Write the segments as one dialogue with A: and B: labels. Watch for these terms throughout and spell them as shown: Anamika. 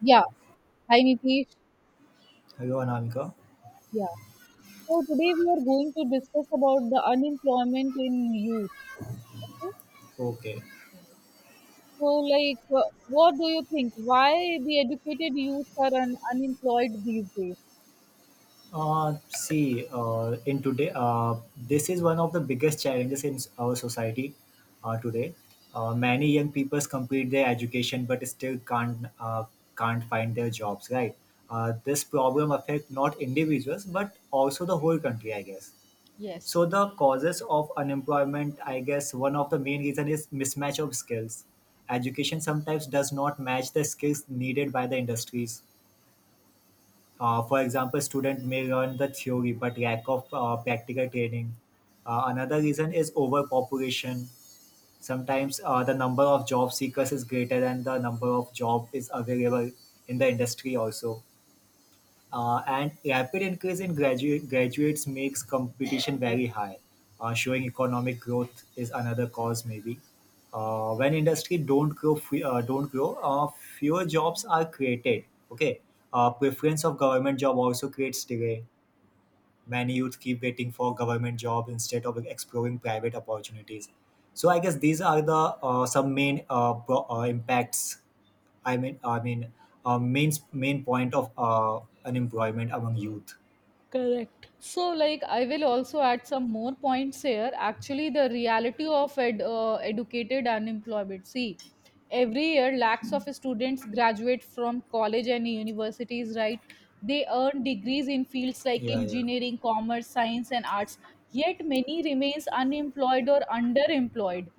A: Yeah. Hi, Nitish.
B: Hello, Anamika.
A: Yeah. So today we are going to discuss about the unemployment in youth.
B: Okay.
A: So, like, what do you think? Why the educated youth are un unemployed these days?
B: In today, this is one of the biggest challenges in our society today. Many young people complete their education but still can't find their jobs. Right. This problem affects not individuals but also the whole country, I guess.
A: Yes.
B: So the causes of unemployment, I guess, one of the main reason is mismatch of skills. Education sometimes does not match the skills needed by the industries. For example, student may learn the theory but lack of practical training. Another reason is overpopulation. Sometimes, the number of job seekers is greater than the number of job is available in the industry also. And rapid increase in graduates makes competition very high, showing economic growth is another cause maybe. When industry don't grow, don't grow, fewer jobs are created. Okay, preference of government job also creates delay. Many youth keep waiting for government job instead of exploring private opportunities. So I guess these are the some main impacts, I mean, I mean, main point of unemployment among youth.
A: Correct. So, like, I will also add some more points here. Actually, the reality of educated unemployment. See, every year, lakhs of students graduate from college and universities, right? They earn degrees in fields like
B: Yeah, yeah,
A: engineering, commerce, science, and arts. Yet, many remains unemployed or underemployed.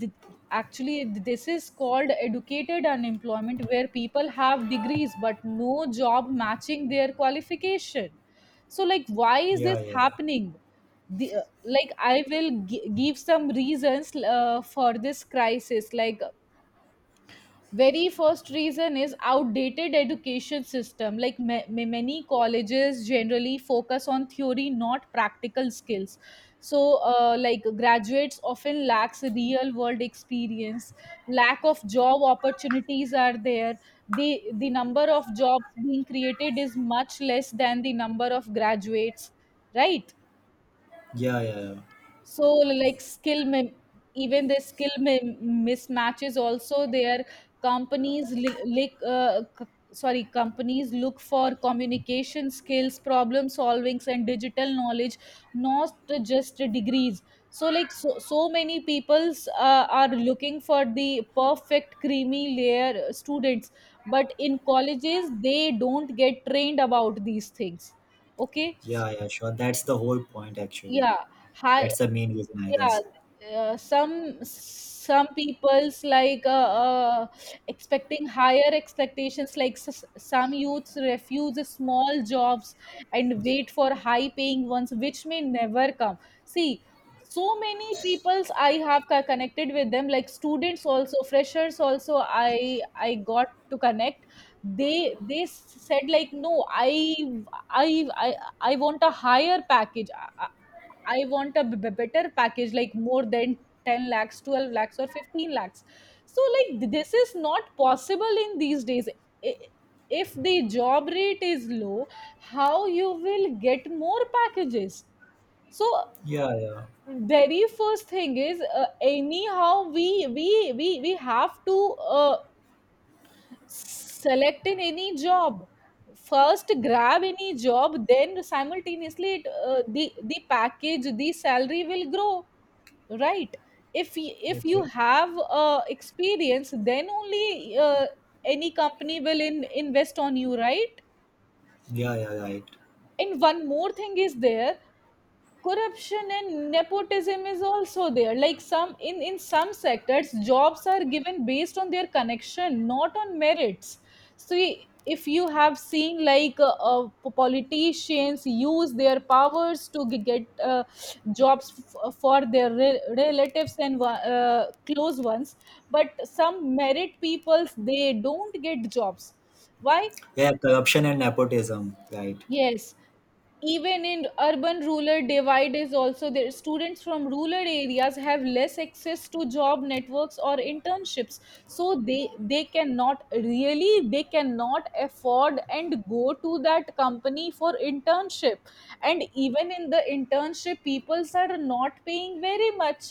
A: Th- Actually, this is called educated unemployment, where people have degrees but no job matching their qualification. So, like, why is this
B: yeah, yeah,
A: happening? Like, I will give some reasons for this crisis. Like, very first reason is outdated education system. Like, many colleges generally focus on theory, not practical skills. So, like, graduates often lacks real world experience. Lack of job opportunities are there. The number of jobs being created is much less than the number of graduates, right?
B: yeah, yeah, yeah, yeah,
A: So, like, even the skill mismatches also their. Companies li- like c- Sorry, companies look for communication skills, problem solvings, and digital knowledge, not just degrees. So, like, so many people's are looking for the perfect creamy layer students, but in colleges they don't get trained about these things. Okay.
B: yeah, yeah, sure, that's the whole point actually.
A: yeah high
B: That's the main reason, I
A: yeah
B: guess.
A: uh, some people's, like, uh, expecting higher expectations, like some youths refuse small jobs and wait for high paying ones, which may never come. See, so many peoples I have connected with them, like students also, freshers also, I got to connect. They said, like, no, i i, I want a higher package. I want a better package, like more than 10 lakhs, 12 lakhs, or 15 lakhs. So, like, this is not possible in these days. I- If the job rate is low, how you will get more packages? So,
B: Yeah, yeah,
A: very first thing is, anyhow we have to uh, select in any job. First grab any job, then simultaneously the package, the salary will grow, right? If you
B: okay.
A: have experience, then only any company will invest on you, right?
B: Yeah, yeah, right.
A: And one more thing is there: corruption and nepotism is also there. Like, some in some sectors, jobs are given based on their connection, not on merits. So, if you have seen, like, politicians use their powers to get jobs, for their relatives and close ones, but some merit peoples they don't get jobs. Why?
B: Yeah, corruption and nepotism, right?
A: Yes, even in urban rural divide is also there. Students from rural areas have less access to job networks or internships, so they cannot really, they cannot afford and go to that company for internship. And even in the internship peoples are not paying very much,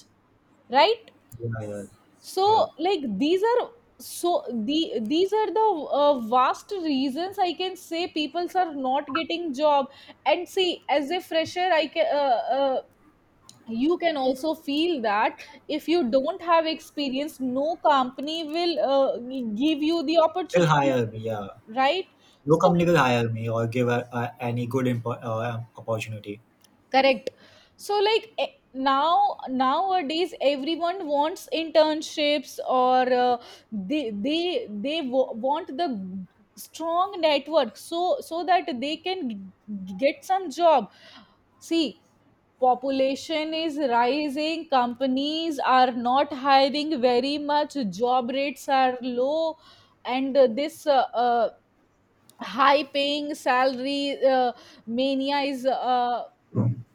A: right?
B: Yeah, yeah,
A: So,
B: yeah.
A: like, these are the vast reasons, I can say, peoples are not getting job. And see, as a fresher, I can you can also feel that if you don't have experience, no company will give you the
B: They'll
A: opportunity,
B: hire me. Yeah,
A: right?
B: no
A: So,
B: company will hire me or give any good opportunity.
A: correct. So, like, now nowadays everyone wants internships, or they want the strong network, so that they can get some job. See, population is rising, companies are not hiring very much, job rates are low, and this high paying salary, mania is, uh,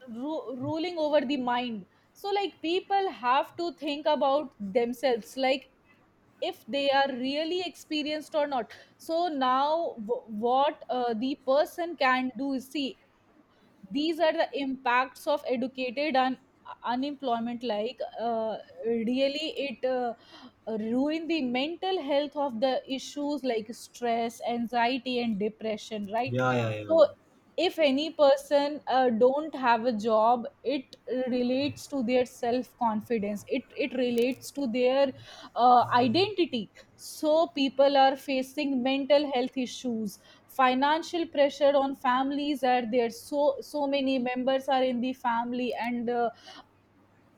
A: ru- ruling over the mind. So, like, people have to think about themselves, like, if they are really experienced or not. So now, what, the person can do is, see, these are the impacts of educated and, unemployment, like, really it, ruin the mental health of the issues, like stress, anxiety, and depression, right?
B: Yeah, yeah, yeah.
A: So if any person, don't have a job, it relates to their self confidence, it relates to their, identity. So people are facing mental health issues. Financial pressure on families are there. So many members are in the family, and,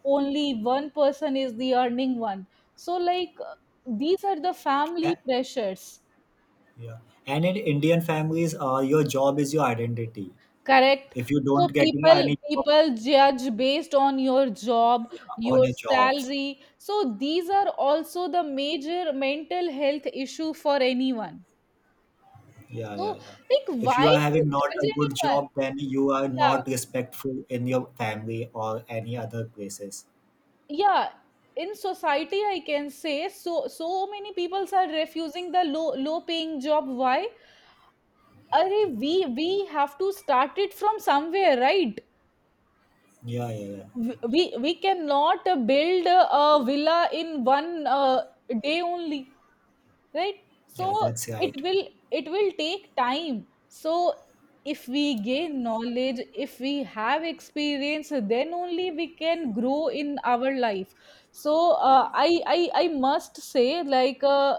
A: only one person is the earning one. So, like, these are the family
B: Eh,
A: pressures.
B: yeah. And in Indian families, your job is your identity.
A: Correct.
B: If you
A: So
B: don't getting
A: people
B: any job
A: people judge based on your job,
B: on
A: your
B: a jobs.
A: salary. So these are also the major mental health issue for anyone.
B: Yeah, yeah,
A: So,
B: yeah.
A: like,
B: If you
A: why
B: are
A: to
B: having not a
A: judge
B: good
A: anyone?
B: job then you are
A: Yeah,
B: not respectful in your family or any other places.
A: yeah, in society, I can say, so many people are refusing the low paying job. Why? Arey, we have to start it from somewhere, right?
B: Yeah, yeah, yeah,
A: We cannot, build, a villa in one, day only, right? So
B: yeah, that's
A: it
B: right.
A: will it will take time. So if we gain knowledge, if we have experience, then only we can grow in our life. So, uh, I I I must say, like,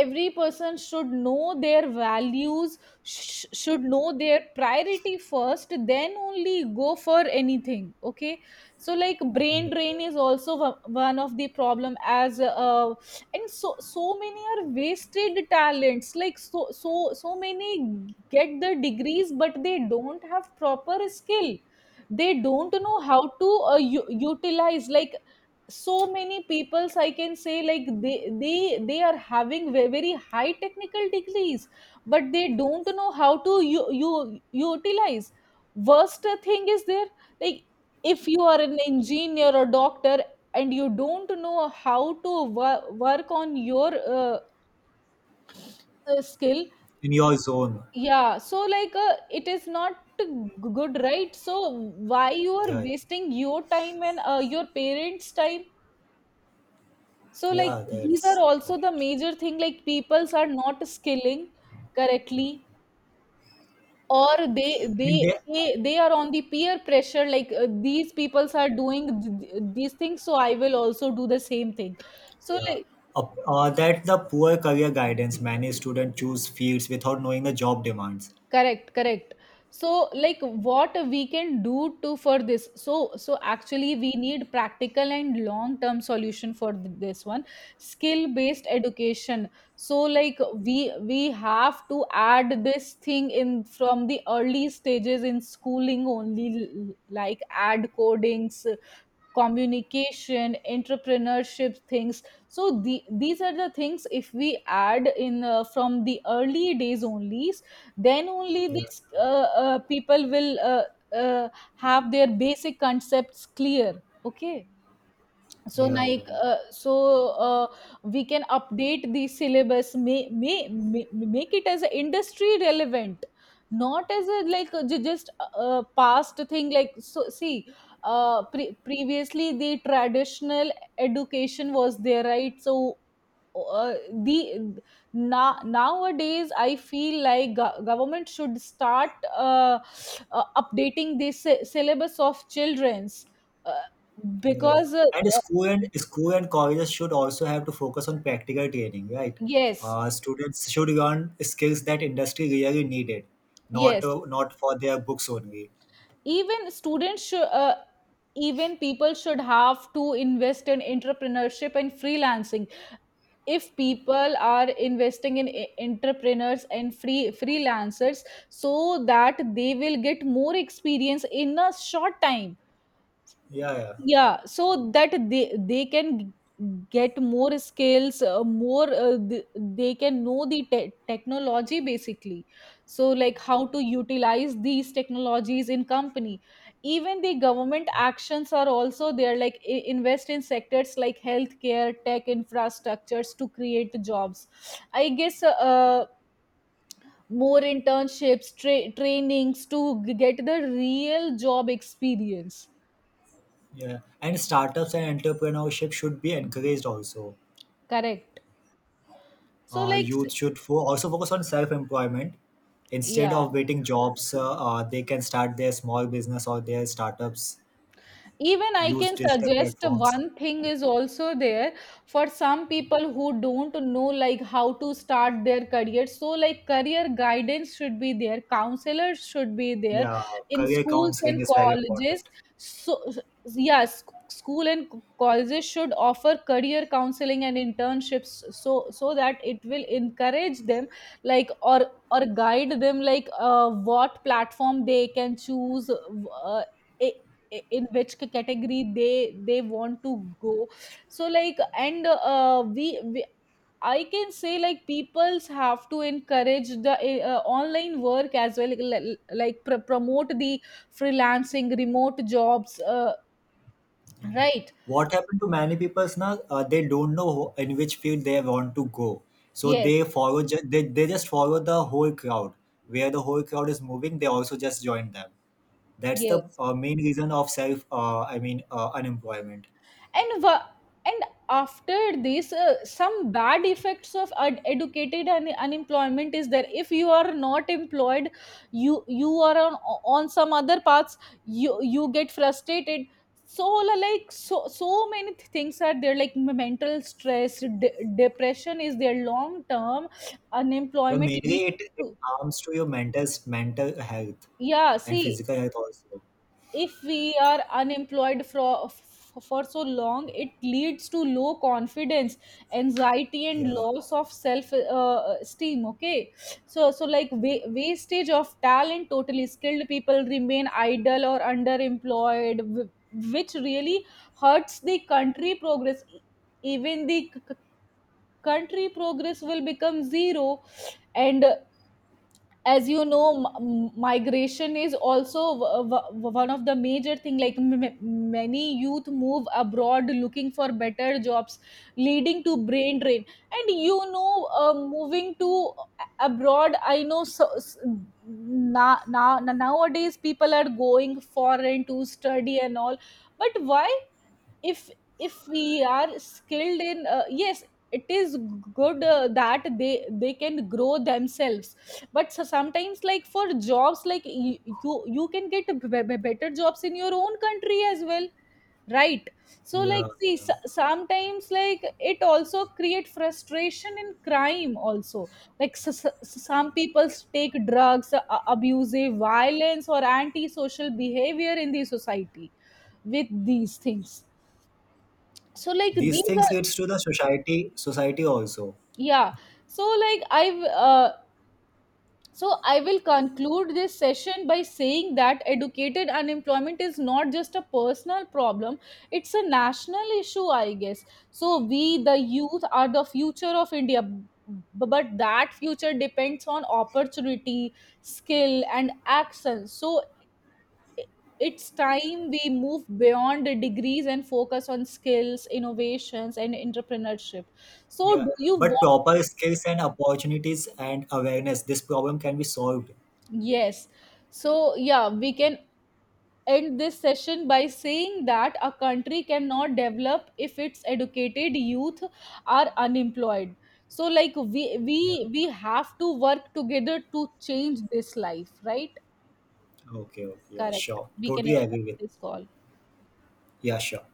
A: every person should know their values, should know their priority first, then only go for anything. Okay. So, like, brain drain is also one of the problem as And so many are wasted talents. Like, so many get the degrees, but they don't have proper skill. They don't know how to, utilize. Like, so many peoples I can say, like, they are having very high technical degrees, but they don't know how to, you utilize. Worst thing is there, like, if you are an engineer or doctor and you don't know how to work on your, skill.
B: In your zone.
A: Yeah, so like, it is not g- good, right? So why you are
B: Yeah, yeah,
A: wasting your time and, your parents time? So, like,
B: yeah,
A: these are
B: that's
A: also the
B: right.
A: major thing, like peoples are not skilling correctly, or they
B: And
A: they
B: there,
A: they, they are on the peer pressure. Like, these peoples are doing these things, so I will also do the same thing. So,
B: yeah,
A: like,
B: uh, that the poor career guidance many students choose fields without knowing the job demands.
A: correct, correct. So, like, what we can do to for this? So, actually we need practical and long term solution for this one. Skill based education. So, like, we we have to add this thing in from the early stages in schooling only, like add codings, communication, entrepreneurship things. So, these are the things, if we add in, from the early days only, then only
B: Yeah,
A: these, people will, uh, have their basic concepts clear. Okay. So,
B: yeah,
A: like,
B: yeah.
A: we can update the syllabus, may make it as a industry relevant, not as a, just past thing. Like, so see, previously the traditional education was there, right? So, uh, the nowadays I feel like, government should start, uh, updating the syllabus of children's, uh,
B: Yeah, yeah.
A: because
B: And school and colleges should also have to focus on practical training, right?
A: yes,
B: Students should learn skills that industry really needed, not
A: yes.
B: not for their books only.
A: Even people should have to invest in entrepreneurship and freelancing. If people are investing in entrepreneurs and freelancers, so that they will get more experience in a short time.
B: Yeah, yeah,
A: Yeah, so that they can get more skills, more, they can know the technology, basically. So, like, how to utilize these technologies in company. Even the government actions are also there, like invest in sectors like healthcare, tech infrastructures to create jobs. I guess, more internships, trainings to get the real job experience.
B: yeah. And startups and entrepreneurship should be encouraged also.
A: Correct. So, like,
B: Youth should also focus on self-employment instead
A: yeah,
B: of waiting jobs. They can start their small business or their startups.
A: even I
B: Use
A: can
B: digital
A: suggest
B: platforms.
A: one thing is also there, for some people who don't know, like, how to start their career. So, like, career guidance should be there, counselors should be there
B: Yeah,
A: in
B: career
A: schools
B: counseling
A: and
B: is very important.
A: colleges. So yes, school and colleges should offer career counseling and internships, so that it will encourage them, like, or guide them, like, what platform they can choose, eh, in which category they want to go. So, like, and, we I can say like, peoples have to encourage the, online work as well, like, like promote the freelancing, remote jobs, right?
B: What happened to many people is now they don't know in which field they want to go, so they
A: Yes,
B: follow they just follow the whole crowd. Where the whole crowd is moving they also just join them. That's the
A: yes.
B: main reason of self I mean unemployment.
A: And and after this, some bad effects of educated and unemployment is there. If you are not employed, you are on some other paths, you get frustrated. So, like, so many things are there, like mental stress, depression is there. Long term
B: Yeah,
A: unemployment
B: mainly
A: leads
B: it, it
A: to...
B: harms to your mental health
A: Yeah,
B: and
A: see,
B: physical health also.
A: if we are unemployed for so long, it leads to low confidence, anxiety and
B: Yeah,
A: loss of self, esteem. Okay. So, so like, wastage of talent totally. Skilled people remain idle or underemployed, which really hurts the country progress. Even the, country progress will become zero. And as you know, migration is also, one of the major thing, like many youth move abroad looking for better jobs, leading to brain drain. And, moving to abroad, I know so, s nowadays people are going foreign to study and all. But why? If if we are skilled in, yes, it is good, that they can grow themselves. But so sometimes, like, for jobs, like, you can get better jobs in your own country as well, right? So, like,
B: yeah,
A: see, s- sometimes, like, it also create frustration in crime also, like some people take drugs, abusive violence or antisocial behavior in the society with these things. So, like,
B: these
A: these
B: things
A: are,
B: leads to the society also.
A: yeah, so, like, I've so I will conclude this session by saying that educated unemployment is not just a personal problem. It's a national issue, I guess. So we the youth are the future of India, but that future depends on opportunity, skill and action. So i- it's time we move beyond the degrees and focus on skills, innovations and entrepreneurship. So
B: Yeah,
A: do you
B: but
A: want...
B: proper skills and opportunities and awareness this problem can be solved.
A: Yes. So, yeah, we can end this session by saying that a country cannot develop if its educated youth are unemployed. So, like, we we
B: Yeah.
A: we have to work together to change this life, right?
B: Okay. Okay. Yeah.
A: Correct.
B: Sure.
A: We can
B: Totally
A: end
B: agree with.
A: this call.
B: Yeah. Sure.